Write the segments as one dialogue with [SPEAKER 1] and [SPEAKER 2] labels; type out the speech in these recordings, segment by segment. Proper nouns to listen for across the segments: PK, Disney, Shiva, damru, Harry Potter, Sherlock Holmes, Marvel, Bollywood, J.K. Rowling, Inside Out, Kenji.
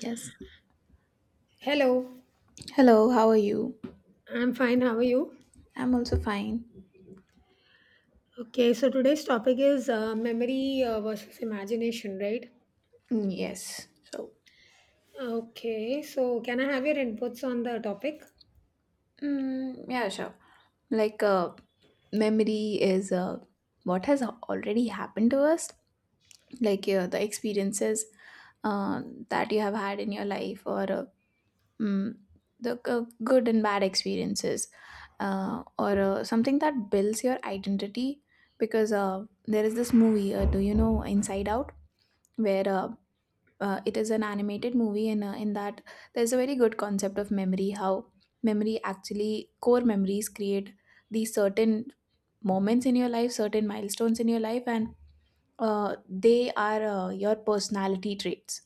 [SPEAKER 1] Yes.
[SPEAKER 2] Hello,
[SPEAKER 1] Hello, how are you?
[SPEAKER 2] I'm fine. How are you?
[SPEAKER 1] I'm also fine.
[SPEAKER 2] Okay, so today's topic is memory versus imagination, right?
[SPEAKER 1] Yes.
[SPEAKER 2] Okay, so can I have your inputs on the topic?
[SPEAKER 1] Sure. Like, uh, Memory is what has already happened to us, the experiences uh, that you have had in your life, or mm, the good and bad experiences, or something that builds your identity. Because there is this movie, do you know Inside Out, where it is an animated movie and in that there's a very good concept of memory, how memory actually, core memories create these certain moments in your life, certain milestones in your life, and they are your personality traits.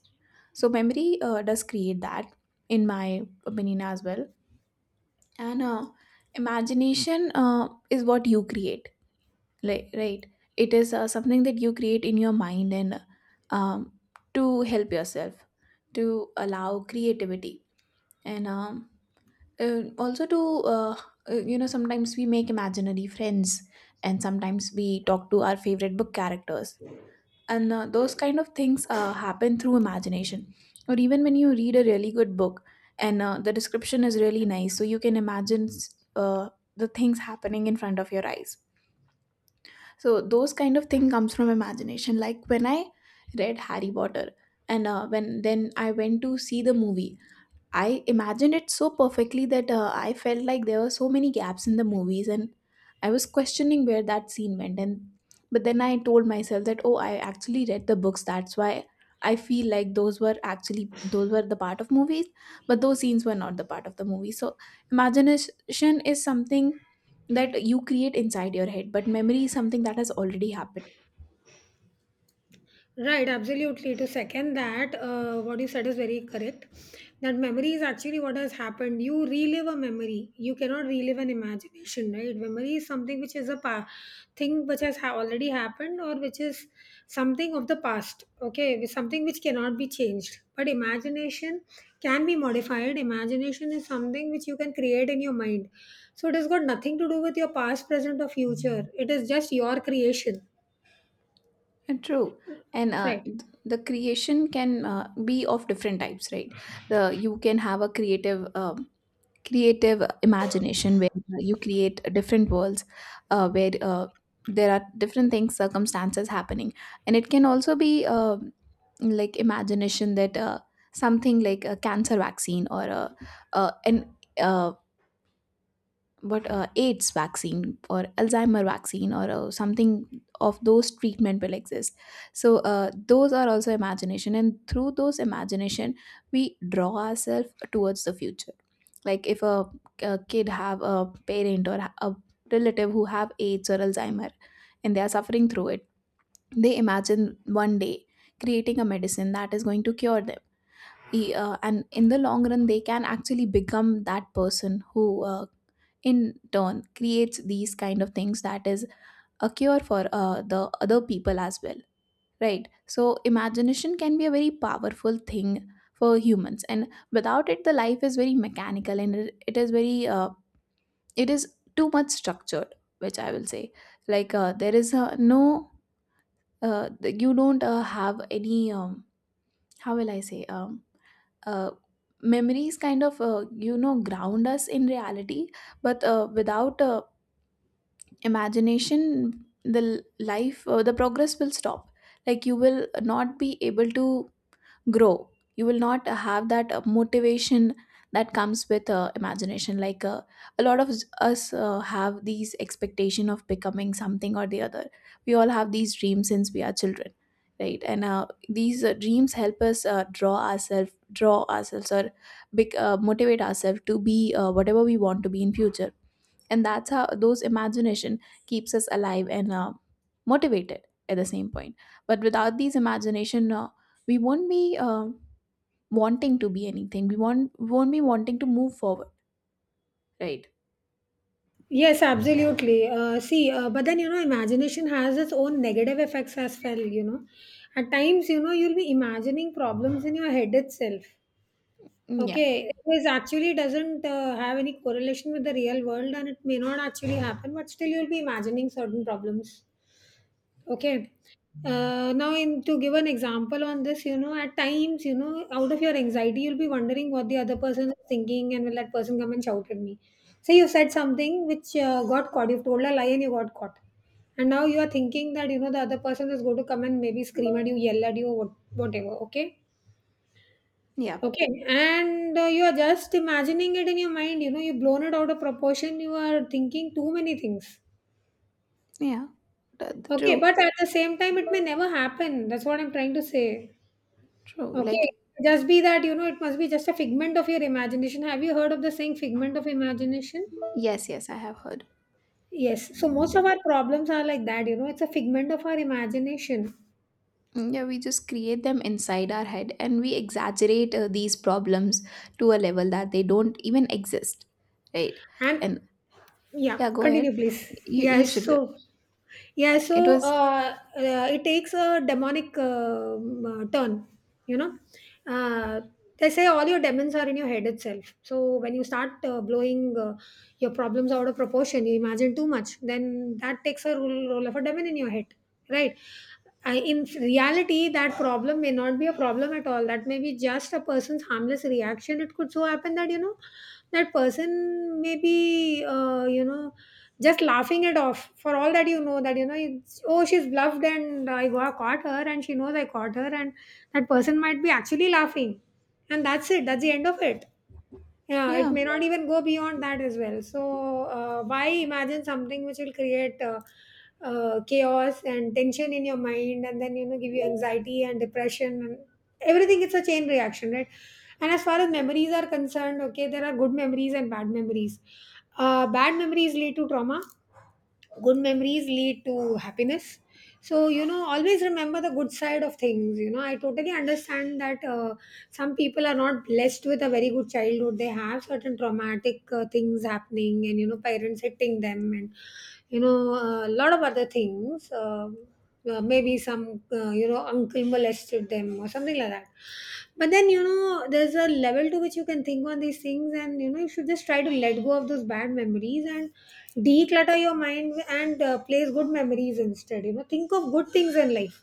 [SPEAKER 1] So memory does create that, in my opinion as well. And imagination is what you create. Right, right. It is something that you create in your mind, and um, to help yourself, to allow creativity, and also to you know, sometimes we make imaginary friends, and sometimes we talk to our favorite book characters, and those kind of things happen through imagination. Or even when you read a really good book, and the description is really nice, so you can imagine the things happening in front of your eyes. So those kind of thing comes from imagination, like when I read Harry Potter and when then I went to see the movie, I imagined it so perfectly that I felt like there were so many gaps in the movies, and I was questioning where that scene went. And But then I told myself that, oh, I actually read the books, that's why I feel like those were the part of movies, but those scenes were not the part of the movie. So imagination is something that you create inside your head, but memory is something that has already happened.
[SPEAKER 2] Right, absolutely. To second that, what you said is very correct. That memory is actually what has happened. You relive a memory. You cannot relive an imagination, right? Memory is something which is a thing which has already happened or which is something of the past. Okay, with something which cannot be changed. But imagination can be modified. Imagination is something which you can create in your mind. So it has got nothing to do with your past, present, or future. It is just your creation,
[SPEAKER 1] And true. And uh,
[SPEAKER 2] right?
[SPEAKER 1] th- the creation can be of different types, right? The You can have a creative, creative imagination where you create different worlds, where there are different things, circumstances happening, and it can also be like imagination that, something like a cancer vaccine, or a, an uh, but AIDS vaccine or Alzheimer vaccine, or something of those treatment will exist. So those are also imagination, and through those imagination, we draw ourselves towards the future. Like if a kid have a parent or a relative who have AIDS or Alzheimer, and they are suffering through it, they imagine one day creating a medicine that is going to cure them. And in the long run, they can actually become that person who in turn creates these kind of things, that is a cure for the other people as well. Right, so imagination can be a very powerful thing for humans, and without it the life is very mechanical, and it is very it is too much structured, which I will say, like there is no uh, you don't have any, how will I say uh memories kind of you know, ground us in reality. But without imagination, life, the progress will stop. Like, you will not be able to grow, you will not have that motivation that comes with imagination. A lot of us have these expectation of becoming something or the other. We all have these dreams since we are children, right? And these dreams help us draw ourselves, or motivate ourselves, to be whatever we want to be in future. And that's how those imagination keeps us alive and motivated at the same point. But without these imagination, we won't be wanting to be anything, we won't, we won't be wanting to move forward, right?
[SPEAKER 2] Yes, absolutely. See, but then, you know, imagination has its own negative effects as well. You know, at times, you know, you'll be imagining problems in your head itself.
[SPEAKER 1] Mm, yeah,
[SPEAKER 2] Okay, this actually doesn't have any correlation with the real world, and it may not actually happen, but still, you'll be imagining certain problems. Okay. Now, in to give an example on this, you know, at times, you know, out of your anxiety, you'll be wondering what the other person is thinking, and will that person come and shout at me? Say you said something which got caught. You've told a lie and you got caught, and now you are thinking that, you know, the other person is going to come and maybe scream at you, yell at you, what, whatever. Okay,
[SPEAKER 1] yeah,
[SPEAKER 2] okay, and you are just imagining it in your mind. You know, you've blown it out of proportion. You are thinking too many things.
[SPEAKER 1] yeah.
[SPEAKER 2] Okay,
[SPEAKER 1] True,
[SPEAKER 2] but at the same time, it may never happen. That's what I'm trying to say.
[SPEAKER 1] true.
[SPEAKER 2] Okay,
[SPEAKER 1] Like,
[SPEAKER 2] just be that, you know, it must be just a figment of your imagination. Have you heard of the saying figment of imagination?
[SPEAKER 1] yes, yes, I have heard.
[SPEAKER 2] Yes. So most of our problems are like that, you know, it's a figment of our imagination.
[SPEAKER 1] Mm, yeah, we just create them inside our head and we exaggerate these problems to a level that they don't even exist, right.
[SPEAKER 2] And
[SPEAKER 1] And
[SPEAKER 2] yeah,
[SPEAKER 1] yeah, go ahead,
[SPEAKER 2] continue please.
[SPEAKER 1] you
[SPEAKER 2] Yes,
[SPEAKER 1] should go.
[SPEAKER 2] so yeah, so
[SPEAKER 1] It was,
[SPEAKER 2] it takes a demonic turn, you know. uh, they say all your demons are in your head itself, so when you start blowing your problems out of proportion, you imagine too much, then that takes a role, role of a demon in your head, right? I, in reality, that problem may not be a problem at all. That may be just a person's harmless reaction. It could so happen that, you know, that person may be, you know, just laughing it off. For all that, you know, it's, oh, she's bluffed and I got caught her and she knows I caught her, and that person might be actually laughing. And that's it. That's the end of it. Yeah, it
[SPEAKER 1] yeah,
[SPEAKER 2] may not even go beyond that as well. So why imagine something which will create chaos and tension in your mind, and then, you know, give you anxiety and depression and everything? It's a chain reaction, right? And as far as memories are concerned, okay, there are good memories and bad memories. Bad memories lead to trauma, good memories lead to happiness. So, you know, always remember the good side of things. You know, I totally understand that some people are not blessed with a very good childhood. They have certain traumatic things happening, and you know, parents hitting them, and you know, a lot of other things. Well, maybe some, you know, uncle molested them or something like that. But then, you know, there's a level to which you can think on these things, and you know, you should just try to let go of those bad memories and declutter your mind, and place good memories instead. You know, think of good things in life.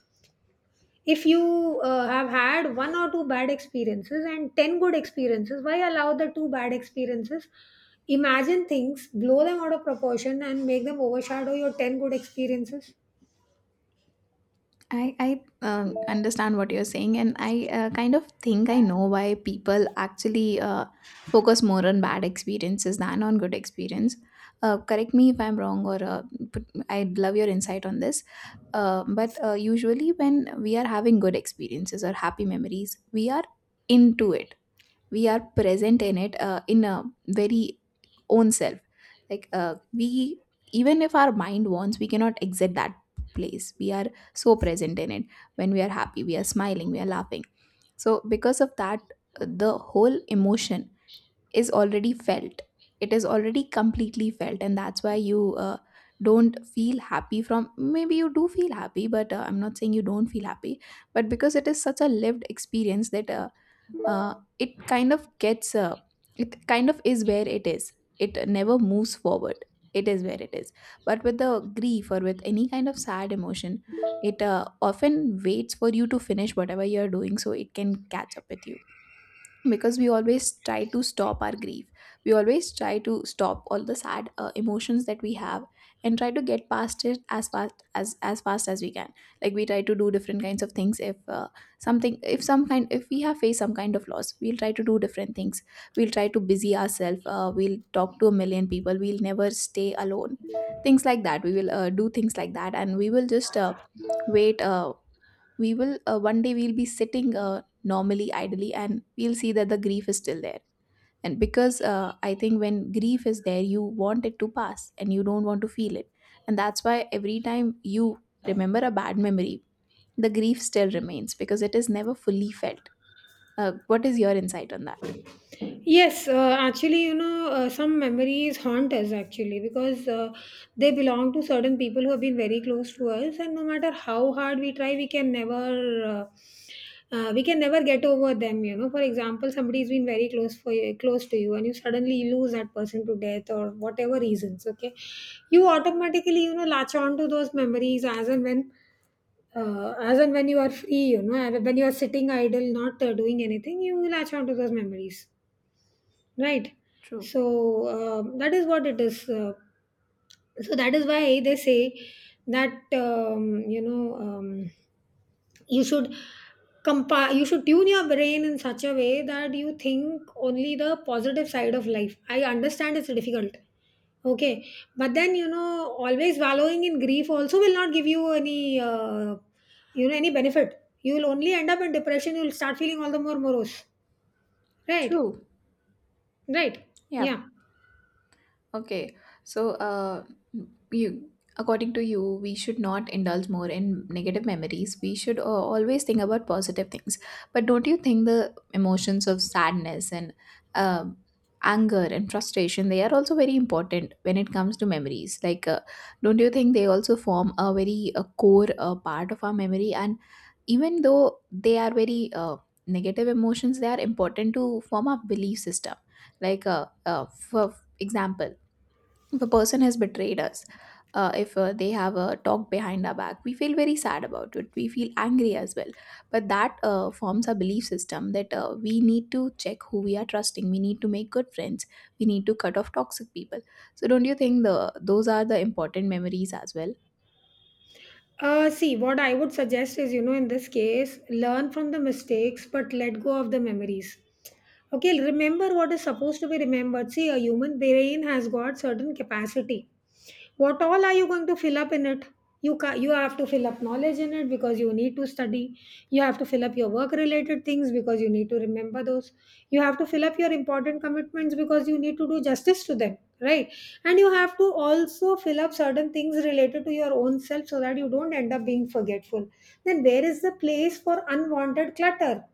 [SPEAKER 2] If you have had one or two bad experiences and 10 good experiences, why allow the two bad experiences imagine things, blow them out of proportion, and make them overshadow your 10 good experiences?
[SPEAKER 1] I understand what you're saying, and I kind of think I know why people actually focus more on bad experiences than on good experience. Correct me if I'm wrong, or put, I'd love your insight on this. But usually, when we are having good experiences or happy memories, we are into it, we are present in it in a very own self. We, even if our mind wants, we cannot exit that place, we are so present in it. When we are happy, we are smiling, we are laughing. So because of that, the whole emotion is already felt, it is already completely felt. And that's why you don't feel happy from, maybe you do feel happy, but I'm not saying you don't feel happy. But because it is such a lived experience that, it kind of gets it kind of is where it is, it never moves forward, it is where it is. But with the grief, or with any kind of sad emotion, it often waits for you to finish whatever you're doing, so it can catch up with you. Because we always try to stop our grief, we always try to stop all the sad emotions that we have, and try to get past it as fast as we can. Like, we try to do different kinds of things. If something if some kind if we have faced some kind of loss, we'll try to do different things, we'll try to busy ourselves, we'll talk to a million people, we'll never stay alone, things like that. We will do things like that, and we will just wait we will One day we'll be sitting normally idly, and we'll see that the grief is still there. And because, I think, when grief is there, you want it to pass, and you don't want to feel it. And that's why every time you remember a bad memory, the grief still remains, because it is never fully felt. Uh, what is your insight on that?
[SPEAKER 2] Yes, actually, you know, some memories haunt us actually because they belong to certain people who have been very close to us, and no matter how hard we try, we can never. We can never get over them. You know, for example, somebody's been very close for you, close to you, and you suddenly lose that person to death or whatever reasons. Okay, you automatically, you know, latch on to those memories as and when, as and when you are free, you know, and when you are sitting idle, not doing anything, you latch on to those memories, right?
[SPEAKER 1] True,
[SPEAKER 2] So that is what it is. So that is why they say that, you know, you should you should tune your brain in such a way that you think only the positive side of life. I understand it's difficult. Okay, but then, you know, always wallowing in grief also will not give you any you know, any benefit. You will only end up in depression. You will start feeling all the more morose, right?
[SPEAKER 1] true,
[SPEAKER 2] Right.
[SPEAKER 1] yeah.
[SPEAKER 2] Yeah.
[SPEAKER 1] Okay, so you, according to you, we should not indulge more in negative memories, we should always think about positive things. But don't you think the emotions of sadness and, uh, anger and frustration, they are also very important when it comes to memories? Like, don't you think they also form a very core part of our memory? And even though they are very negative emotions, they are important to form our belief system. Like, for example, if a person has betrayed us, if they have talked behind our back, we feel very sad about it, we feel angry as well. But that forms our belief system, that we need to check who we are trusting, we need to make good friends, we need to cut off toxic people. So, don't you think the those are the important memories as well?
[SPEAKER 2] See, what I would suggest is, you know, in this case, learn from the mistakes but let go of the memories. Okay, remember what is supposed to be remembered. See, a human brain has got certain capacity. What all are you going to fill up in it? You you have to fill up knowledge in it because you need to study. You have to fill up your work related things because you need to remember those. You have to fill up your important commitments because you need to do justice to them, right? And you have to also fill up certain things related to your own self so that you don't end up being forgetful. Then there is the place for unwanted clutter.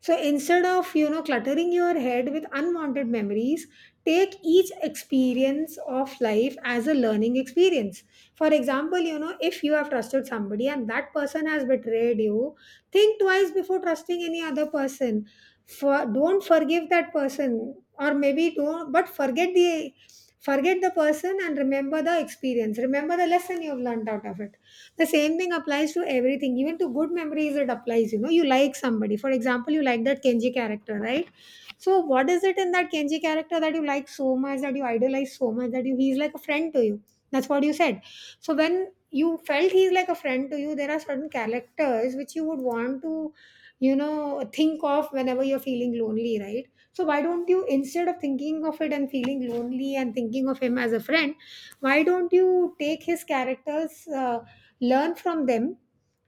[SPEAKER 2] So instead of, you know, cluttering your head with unwanted memories, take each experience of life as a learning experience. For example, you know, if you have trusted somebody and that person has betrayed you, think twice before trusting any other person. For don't forgive that person, or maybe don't, but forget the person and remember the experience. Remember the lesson you've learned out of it. The same thing applies to everything, even to good memories, it applies. You know, you like somebody. For example, you like that Kenji character, right? So what is it in that Kenji character that you like so much, that you idolize so much, that you he's like a friend to you? That's what you said. So when you felt he's like a friend to you, there are certain characters which you would want to, you know, think of whenever you're feeling lonely, right? So why don't you, instead of thinking of it and feeling lonely and thinking of him as a friend, why don't you take his characters, learn from them,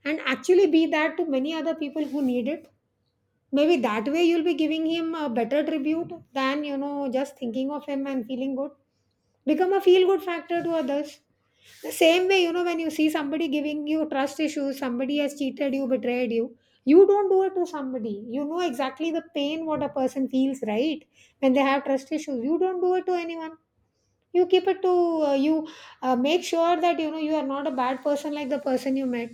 [SPEAKER 2] and actually be that to many other people who need it? Maybe that way you'll be giving him a better tribute than, you know, just thinking of him and feeling good. Become a feel good factor to others. The same way, you know, when you see somebody giving you trust issues, somebody has cheated you, betrayed you, you don't do it to somebody. You know exactly the pain what a person feels, right? When they have trust issues, you don't do it to anyone. You keep it to you. Make sure that you know you are not a bad person like the person you met.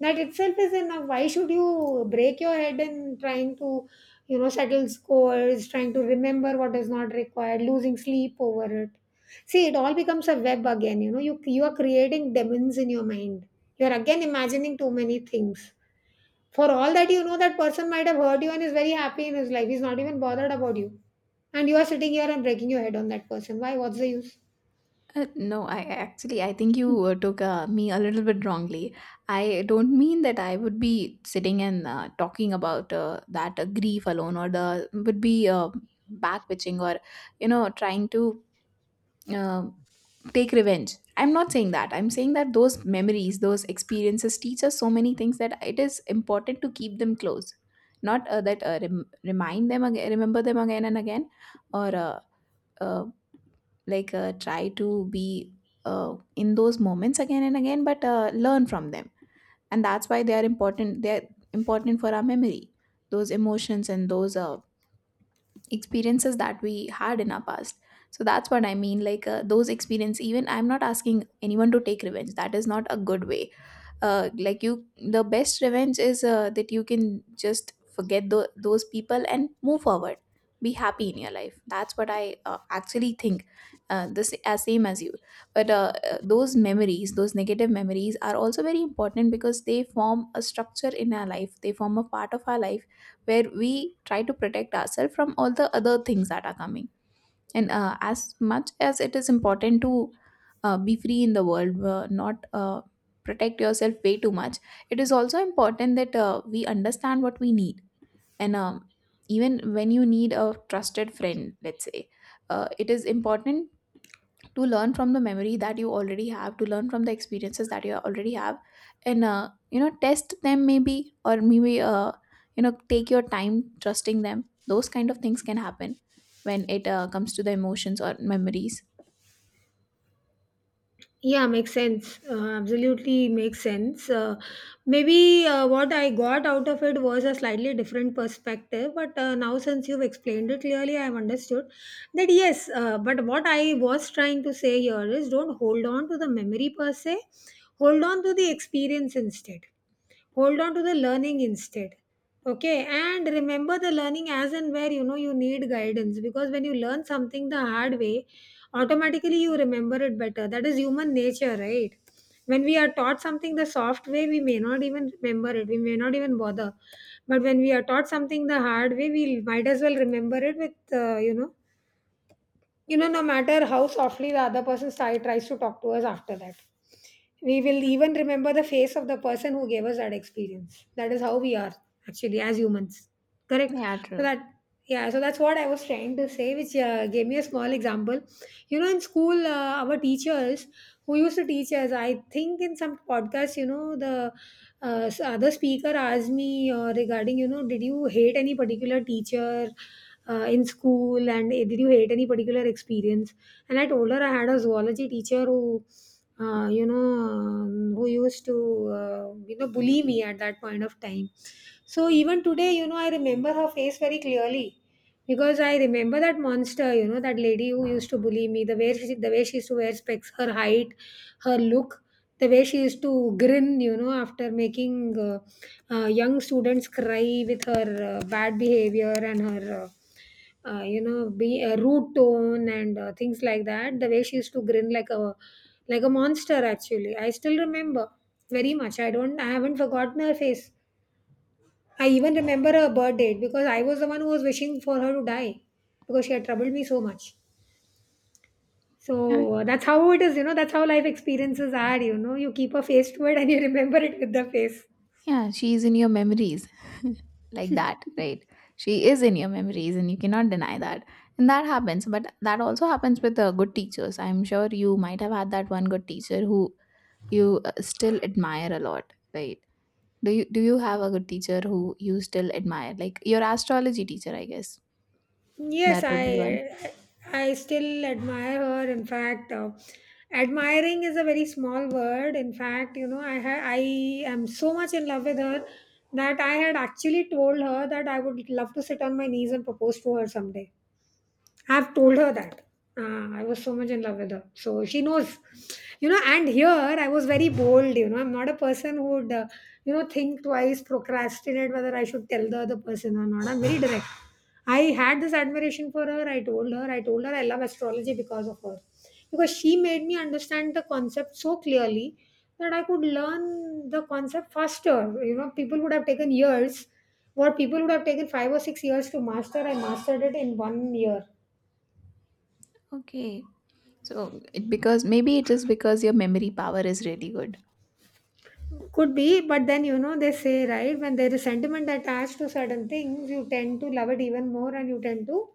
[SPEAKER 2] That itself is enough. Why should you break your head in trying to, you know, settle scores, trying to remember what is not required, losing sleep over it? See, it all becomes a web again. You know, you are creating demons in your mind. You are again imagining too many things. For all that you know, that person might have hurt you and is very happy in his life. He's not even bothered about you, and you are sitting here and breaking your head on that person. Why? What's the use?
[SPEAKER 1] No, I actually, I think you took me a little bit wrongly. I don't mean that I would be sitting and talking about that grief alone, or the would be back bitching, or you know, trying to uh, take revenge. I'm not saying that. I'm saying that those memories, those experiences teach us so many things that it is important to keep them close, not that rem- remind them again, remember them again and again, or uh, try to be in those moments again and again, but learn from them. And that's why they are important, they're important for our memory, those emotions and those experiences that we had in our past. So that's what I mean, those experience, even I'm not asking anyone to take revenge, that is not a good way. Uh, like you the best revenge is that you can just forget those people and move forward, be happy in your life. That's what I actually think, this as same as you. But those memories, those negative memories are also very important, because they form a structure in our life, they form a part of our life where we try to protect ourselves from all the other things that are coming. And as much as it is important to be free in the world, not protect yourself way too much, it is also important that we understand what we need. And even when you need a trusted friend, let's say, it is important to learn from the memory that you already have to learn from the experiences that you already have and test them maybe or maybe take your time trusting them. Those kind of things can happen when it comes to the emotions or memories.
[SPEAKER 2] Yeah, makes sense. Absolutely makes sense. Maybe what I got out of it was a slightly different perspective, but now since you've explained it clearly, I've understood that yes, but what I was trying to say here is don't hold on to the memory per se, hold on to the experience instead, hold on to the learning instead. Okay, and remember the learning as and where you know you need guidance, because when you learn something the hard way, automatically you remember it better. That is human nature, right? When we are taught something the soft way, we may not even remember it, we may not even bother. But when we are taught something the hard way, we might as well remember it with no matter how softly the other person side tries to talk to us. After that, we will even remember the face of the person who gave us that experience. That is how we are actually, as humans. Correct.
[SPEAKER 1] Yeah,
[SPEAKER 2] so
[SPEAKER 1] true.
[SPEAKER 2] that yeah, so that's what I was trying to say, which gave me a small example. You know, in school, our teachers who used to teach us, I think in some podcast, you know, the other speaker asked me regarding, you know, did you hate any particular teacher in school, and did you hate any particular experience? And I told her I had a zoology teacher who, who used to, you know, bully me at that point of time. So even today, you know, I remember her face very clearly, because I remember that monster, you know, that lady who used to bully me, the way she used to wear specs, her height, her look, the way she used to grin, you know, after making young students cry with her bad behavior and her you know, be a rude tone, and things like that, the way she used to grin like a monster. Actually, I still remember very much. I haven't forgotten her face. I even remember her birth date, because I was the one who was wishing for her to die, because she had troubled me so much.
[SPEAKER 1] Yeah,
[SPEAKER 2] So that's how it is, you know, that's how life experiences are. You know, you keep a face to it, and you remember it with the face.
[SPEAKER 1] yeah, she is in your memories like that, right? She is in your memories and you cannot deny that. And that happens, but that also happens with good teachers. I'm sure you might have had that one good teacher who you still admire a lot, right? Do you have a good teacher who you still admire? Like your astrology teacher, I guess.
[SPEAKER 2] Yes,
[SPEAKER 1] That would be one.
[SPEAKER 2] I still admire her. In fact, admiring is a very small word. In fact, you know, I am so much in love with her that I had actually told her that I would love to sit on my knees and propose to her someday. I've told
[SPEAKER 1] Oh,
[SPEAKER 2] her that. I was so much in love with her. So she knows, you know, and here I was very bold. You know, I'm not a person who would, you know, think twice, procrastinate whether I should tell the other person or not. I'm very direct. I had this admiration for her. I told her I love astrology because of her, because she made me understand the concept so clearly that I could learn the concept faster. You know, people would have taken years. What people would have taken 5 or 6 years to master, I mastered it in one year.
[SPEAKER 1] okay. So it because maybe it is because your memory power is really good.
[SPEAKER 2] Could be, but then you know they say, right, when there is sentiment attached to certain things, you tend to love it even more, and you tend to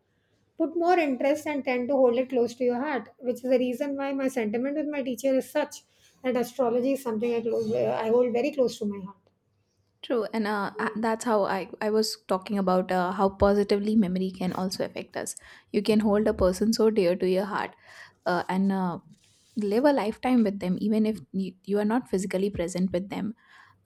[SPEAKER 2] put more interest and tend to hold it close to your heart, which is the reason why my sentiment with my teacher is such that astrology is something I close, I hold very close to my heart.
[SPEAKER 1] True, and that's how I was talking about how positively memory can also affect us. You can hold a person so dear to your heart, and live a lifetime with them, even if you are not physically present with them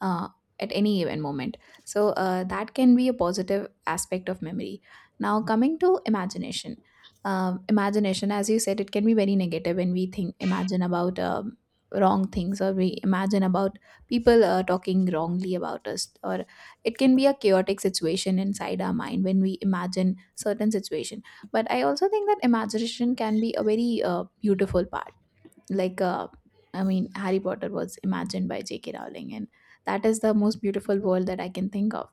[SPEAKER 1] uh, at any given moment. So that can be a positive aspect of memory. Now, coming to imagination, imagination, as you said, it can be very negative when we think, imagine about wrong things, or we imagine about people talking wrongly about us, or it can be a chaotic situation inside our mind when we imagine certain situation. But I also think that imagination can be a very beautiful part, like uh, I mean Harry Potter was imagined by JK Rowling, and that is the most beautiful world that I can think of.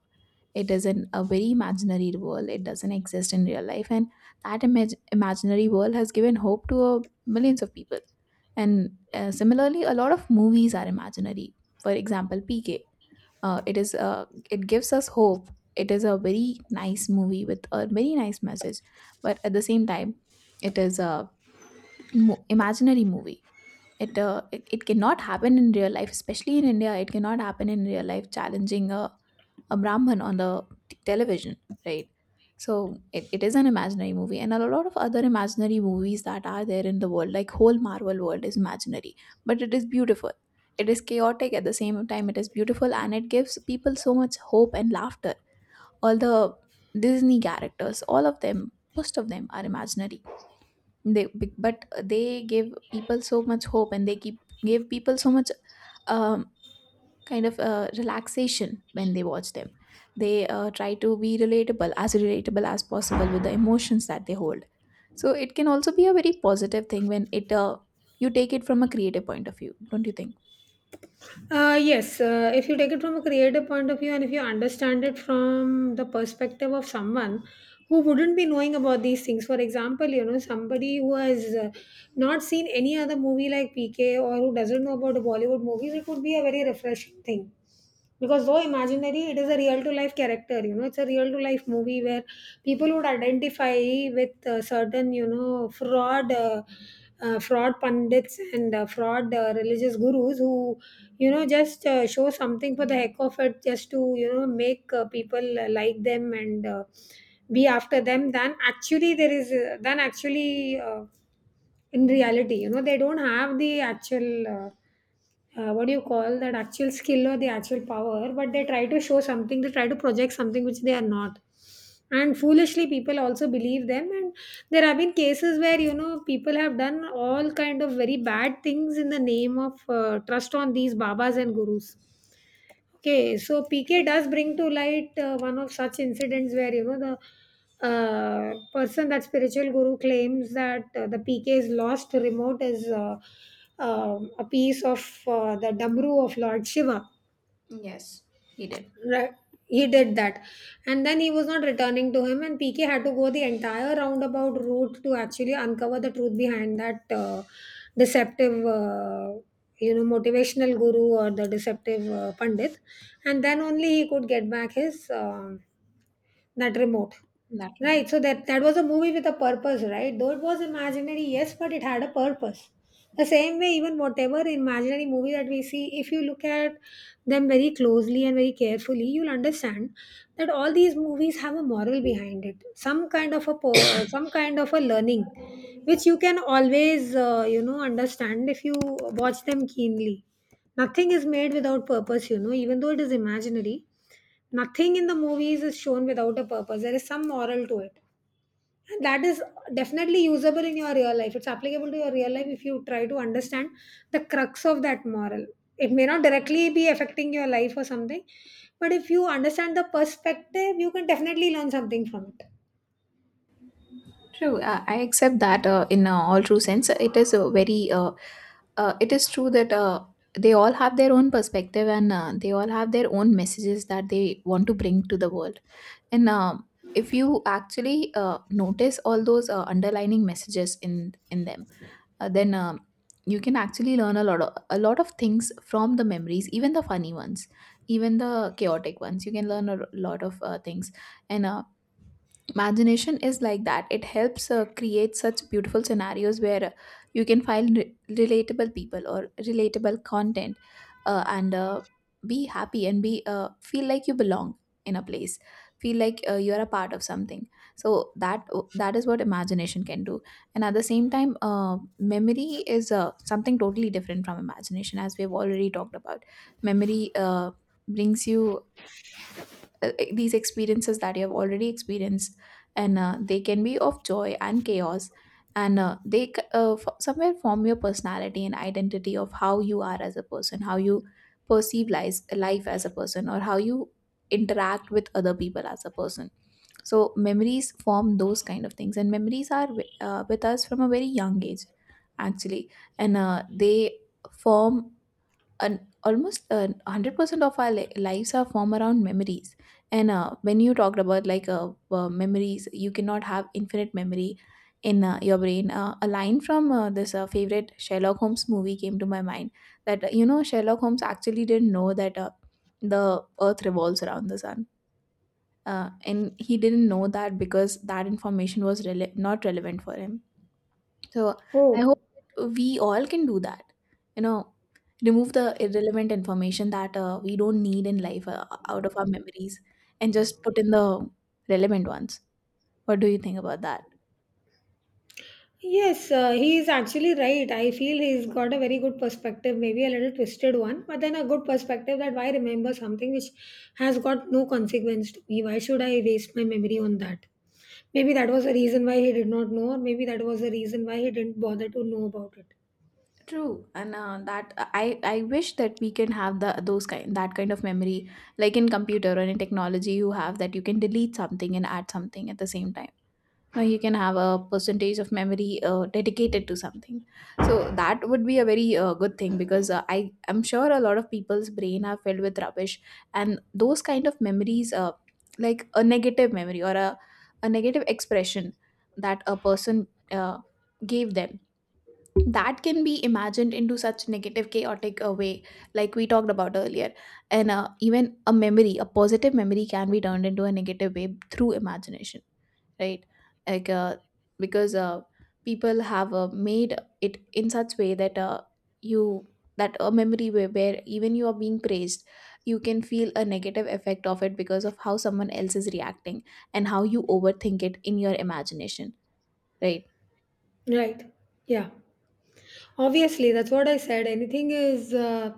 [SPEAKER 1] It is a very imaginary world. It doesn't exist in real life, and that imaginary world has given hope to millions of people. And similarly, a lot of movies are imaginary. For example, PK, it gives us hope. It is a very nice movie with a very nice message, but at the same time it is a imaginary movie. It cannot happen in real life, especially in India. It cannot happen in real life. Challenging a Brahman on the television, right? So it is an imaginary movie, and a lot of other imaginary movies that are there in the world, like whole Marvel world is imaginary, but it is beautiful. It is chaotic at the same time. It is beautiful, and it gives people so much hope and laughter. All the Disney characters, all of them, most of them are imaginary. They but they give people so much hope, and they keep give people so much um, kind of relaxation when they watch them. They try to be relatable, as relatable as possible, with the emotions that they hold. So it can also be a very positive thing when it you take it from a creative point of view, don't you think?
[SPEAKER 2] Yes, if you take it from a creative point of view, and if you understand it from the perspective of someone who wouldn't be knowing about these things, for example, you know, somebody who has not seen any other movie like PK, or who doesn't know about the Bollywood movies, it would be a very refreshing thing. Because though imaginary, it is a real to life character. You know, it's a real to life movie where people would identify with certain, you know, fraud. Fraud pundits and fraud religious gurus, who, you know, just show something for the heck of it, just to, you know, make people like them and be after them, than actually there is than actually in reality. You know, they don't have the actual what do you call that, actual skill or the actual power, but they try to show something, they try to project something which they are not, and foolishly people also believe them. And there have been cases where, you know, people have done all kind of very bad things in the name of trust on these babas and gurus. Okay, so PK
[SPEAKER 1] True.
[SPEAKER 2] does bring to light one of such incidents where, you know, the person, that spiritual guru, claims that the PK's lost remote is a piece of the damru of Lord Shiva.
[SPEAKER 1] Yes, he did.
[SPEAKER 2] Right. He did that. And then he was not returning to him, and PK had to go the entire roundabout route to actually uncover the truth behind that deceptive, you know, motivational guru or the deceptive Pandit. And then only he could get back his that remote.
[SPEAKER 1] In that remark?
[SPEAKER 2] Right, so that was a movie with a purpose, right? Though it was imaginary, yes, but it had a purpose. The same way, even whatever imaginary movie that we see, if you look at them very closely and very carefully, you'll understand that all these movies have a moral behind it, some kind of a some kind of a learning, which you can always, you know, understand if you watch them keenly. Nothing is made without purpose. You know, even though it is imaginary, nothing in the movies is shown without a purpose. There is some moral to it, and that is definitely usable in your real life. It's applicable to your real life if you try to understand the crux of that moral. It may not directly be affecting your life or something, but if you understand the perspective, you can definitely learn something from it.
[SPEAKER 1] True, I accept that in all true sense. It is a very, it is true that they all have their own perspective, and they all have their own messages that they want to bring to the world. And if you actually notice all those underlining messages in them, then you can actually learn a lot of things from the memories, even the funny ones, even the chaotic ones. You can learn a lot of things, and imagination is like that. It helps create such beautiful scenarios where you can find relatable people or relatable content, and be happy and be feel like you belong in a place, feel like you're a part of something. So that is what imagination can do. And at the same time, memory is something totally different from imagination, as we have already talked about. Memory brings you these experiences that you have already experienced, and they can be of joy and chaos, and somewhere form your personality and identity of how you are as a person, how you perceive life as a person, or how you interact with other people as a person. So memories form those kind of things, and memories are with us from a very young age, actually. And they form an almost 100% of our lives are formed around memories. And when you talked about like memories, you cannot have infinite memory in your brain. Uh, a line from this favorite Sherlock Holmes movie came to my mind, that Sherlock Holmes actually didn't know that the Earth revolves around the Sun. And he didn't know that because that information was not relevant for him. So I
[SPEAKER 2] Oh.
[SPEAKER 1] hope that we all can do that. You know, remove the irrelevant information that we don't need in life out of our memories, and just put in the relevant ones. What do you think about that?
[SPEAKER 2] Yes, he is actually right. I feel he's got a very good perspective, maybe a little twisted one, but then a good perspective, that why remember something which has got no consequence to me? Why should I waste my memory on that? Maybe that was the reason why he did not know, or maybe that was the reason why he didn't bother to know about it.
[SPEAKER 1] True, and that I wish that we can have the those kind that kind of memory, like in computer or in technology. You have that you can delete something and add something at the same time. Now you can have a percentage of memory dedicated to something. So that would be a very good thing, because I'm sure a lot of people's brain are filled with rubbish. And those kind of memories, like a negative memory or a negative expression that a person uh, gave them, that can be imagined into such negative chaotic a way, like we talked about earlier. And even a memory, a positive memory, can be turned into a negative way through imagination, right? like because people have made it in such way that you that a memory where even you are being praised, you can feel a negative effect of it because of how someone else is reacting and how you overthink it in your imagination, right?
[SPEAKER 2] Right. Yeah. Obviously, that's what I said. Anything is uh,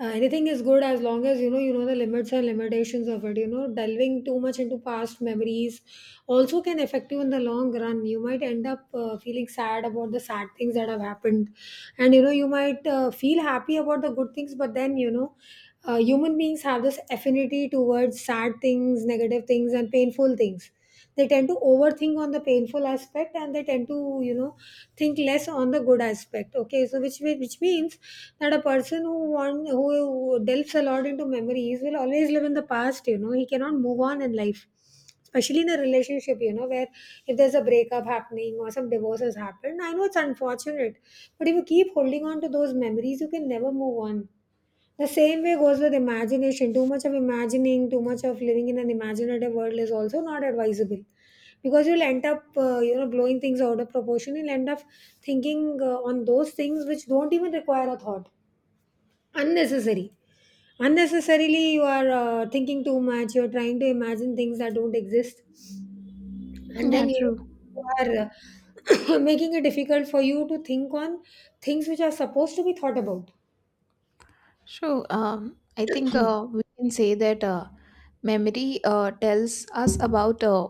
[SPEAKER 2] uh, Anything is good as long as you know, you know the limits and limitations of it. You know, delving too much into past memories also can affect you in the long run. You might end up feeling sad about the sad things that have happened, and you know you might feel happy about the good things, but then you know. Human beings have this affinity towards sad things, negative things, and painful things. They tend to overthink on the painful aspect, and they tend to, you know, think less on the good aspect. Okay, so which means that a person who delves a lot into memories will always live in the past. You know, he cannot move on in life, especially in a relationship, you know, where if there's a breakup happening or some divorce has happened, I know it's unfortunate, but if you keep holding on to those memories, you can never move on. The same way goes with imagination. Too much of imagining, too much of living in an imaginative world is also not advisable, because you'll end up, you know, blowing things out of proportion. You'll end up thinking on those things which don't even require a thought, unnecessary. Unnecessarily, you are thinking too much. You're trying to imagine things that don't exist.
[SPEAKER 1] Yeah,
[SPEAKER 2] Then you
[SPEAKER 1] true.
[SPEAKER 2] are making it difficult for you to think on things which are supposed to be thought about.
[SPEAKER 1] So I think we can say that memory tells us about uh,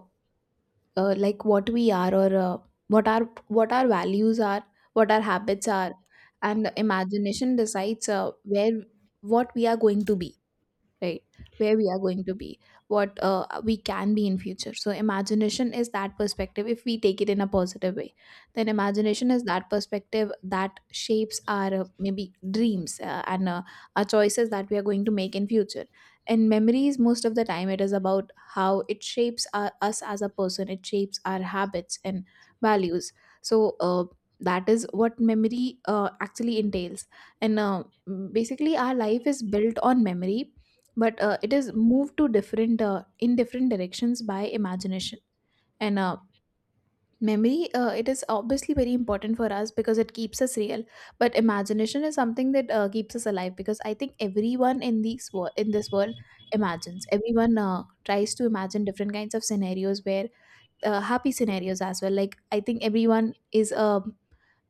[SPEAKER 1] uh, like what we are, or what our values are, what our habits are. And imagination decides where what we are going to be, right? Where we are going to be, what we can be in future. So imagination is that perspective, if we take it in a positive way. Then imagination is that perspective that shapes our maybe dreams and our choices that we are going to make in future. And memories, most of the time, it is about how it shapes us as a person. It shapes our habits and values. So that is what memory actually entails. And basically our life is built on memory, but it is moved to different in different directions by imagination. And memory, it is obviously very important for us because it keeps us real. But imagination is something that keeps us alive, because I think everyone in these in this world imagines. Everyone tries to imagine different kinds of scenarios where happy scenarios as well. Like I think everyone is a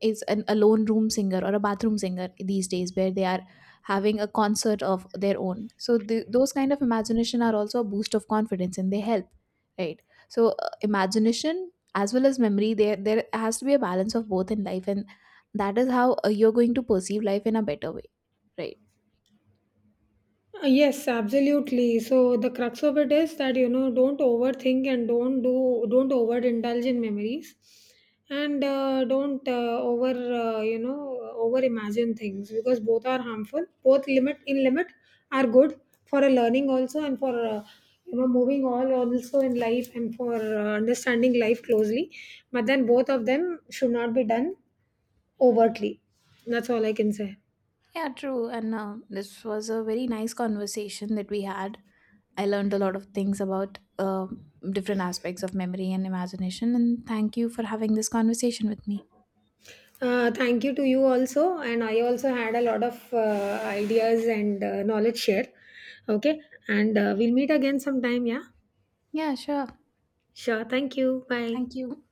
[SPEAKER 1] is an alone room singer or a bathroom singer these days, where they are having a concert of their own. So those kind of imagination are also a boost of confidence, and they help, right? So imagination as well as memory, there has to be a balance of both in life, and that is how you're going to perceive life in a better way, right?
[SPEAKER 2] Yes, absolutely. So the crux of it is that, you know, don't overthink and don't overindulge in memories, and don't over you know, over imagine things, because both are harmful. Both, limit in limit, are good for a learning also, and for you know, moving all also in life, and for understanding life closely. But then both of them should not be done overtly. That's all I can say.
[SPEAKER 1] Yeah, true. And this was a very nice conversation that we had. I learned a lot of things about different aspects of memory and imagination, and thank you for having this conversation with me.
[SPEAKER 2] Thank you to you also, and I also had a lot of ideas and knowledge share. Okay, and we'll meet again sometime. Yeah,
[SPEAKER 1] Yeah, sure.
[SPEAKER 2] sure. Thank you. Bye.
[SPEAKER 1] Thank you.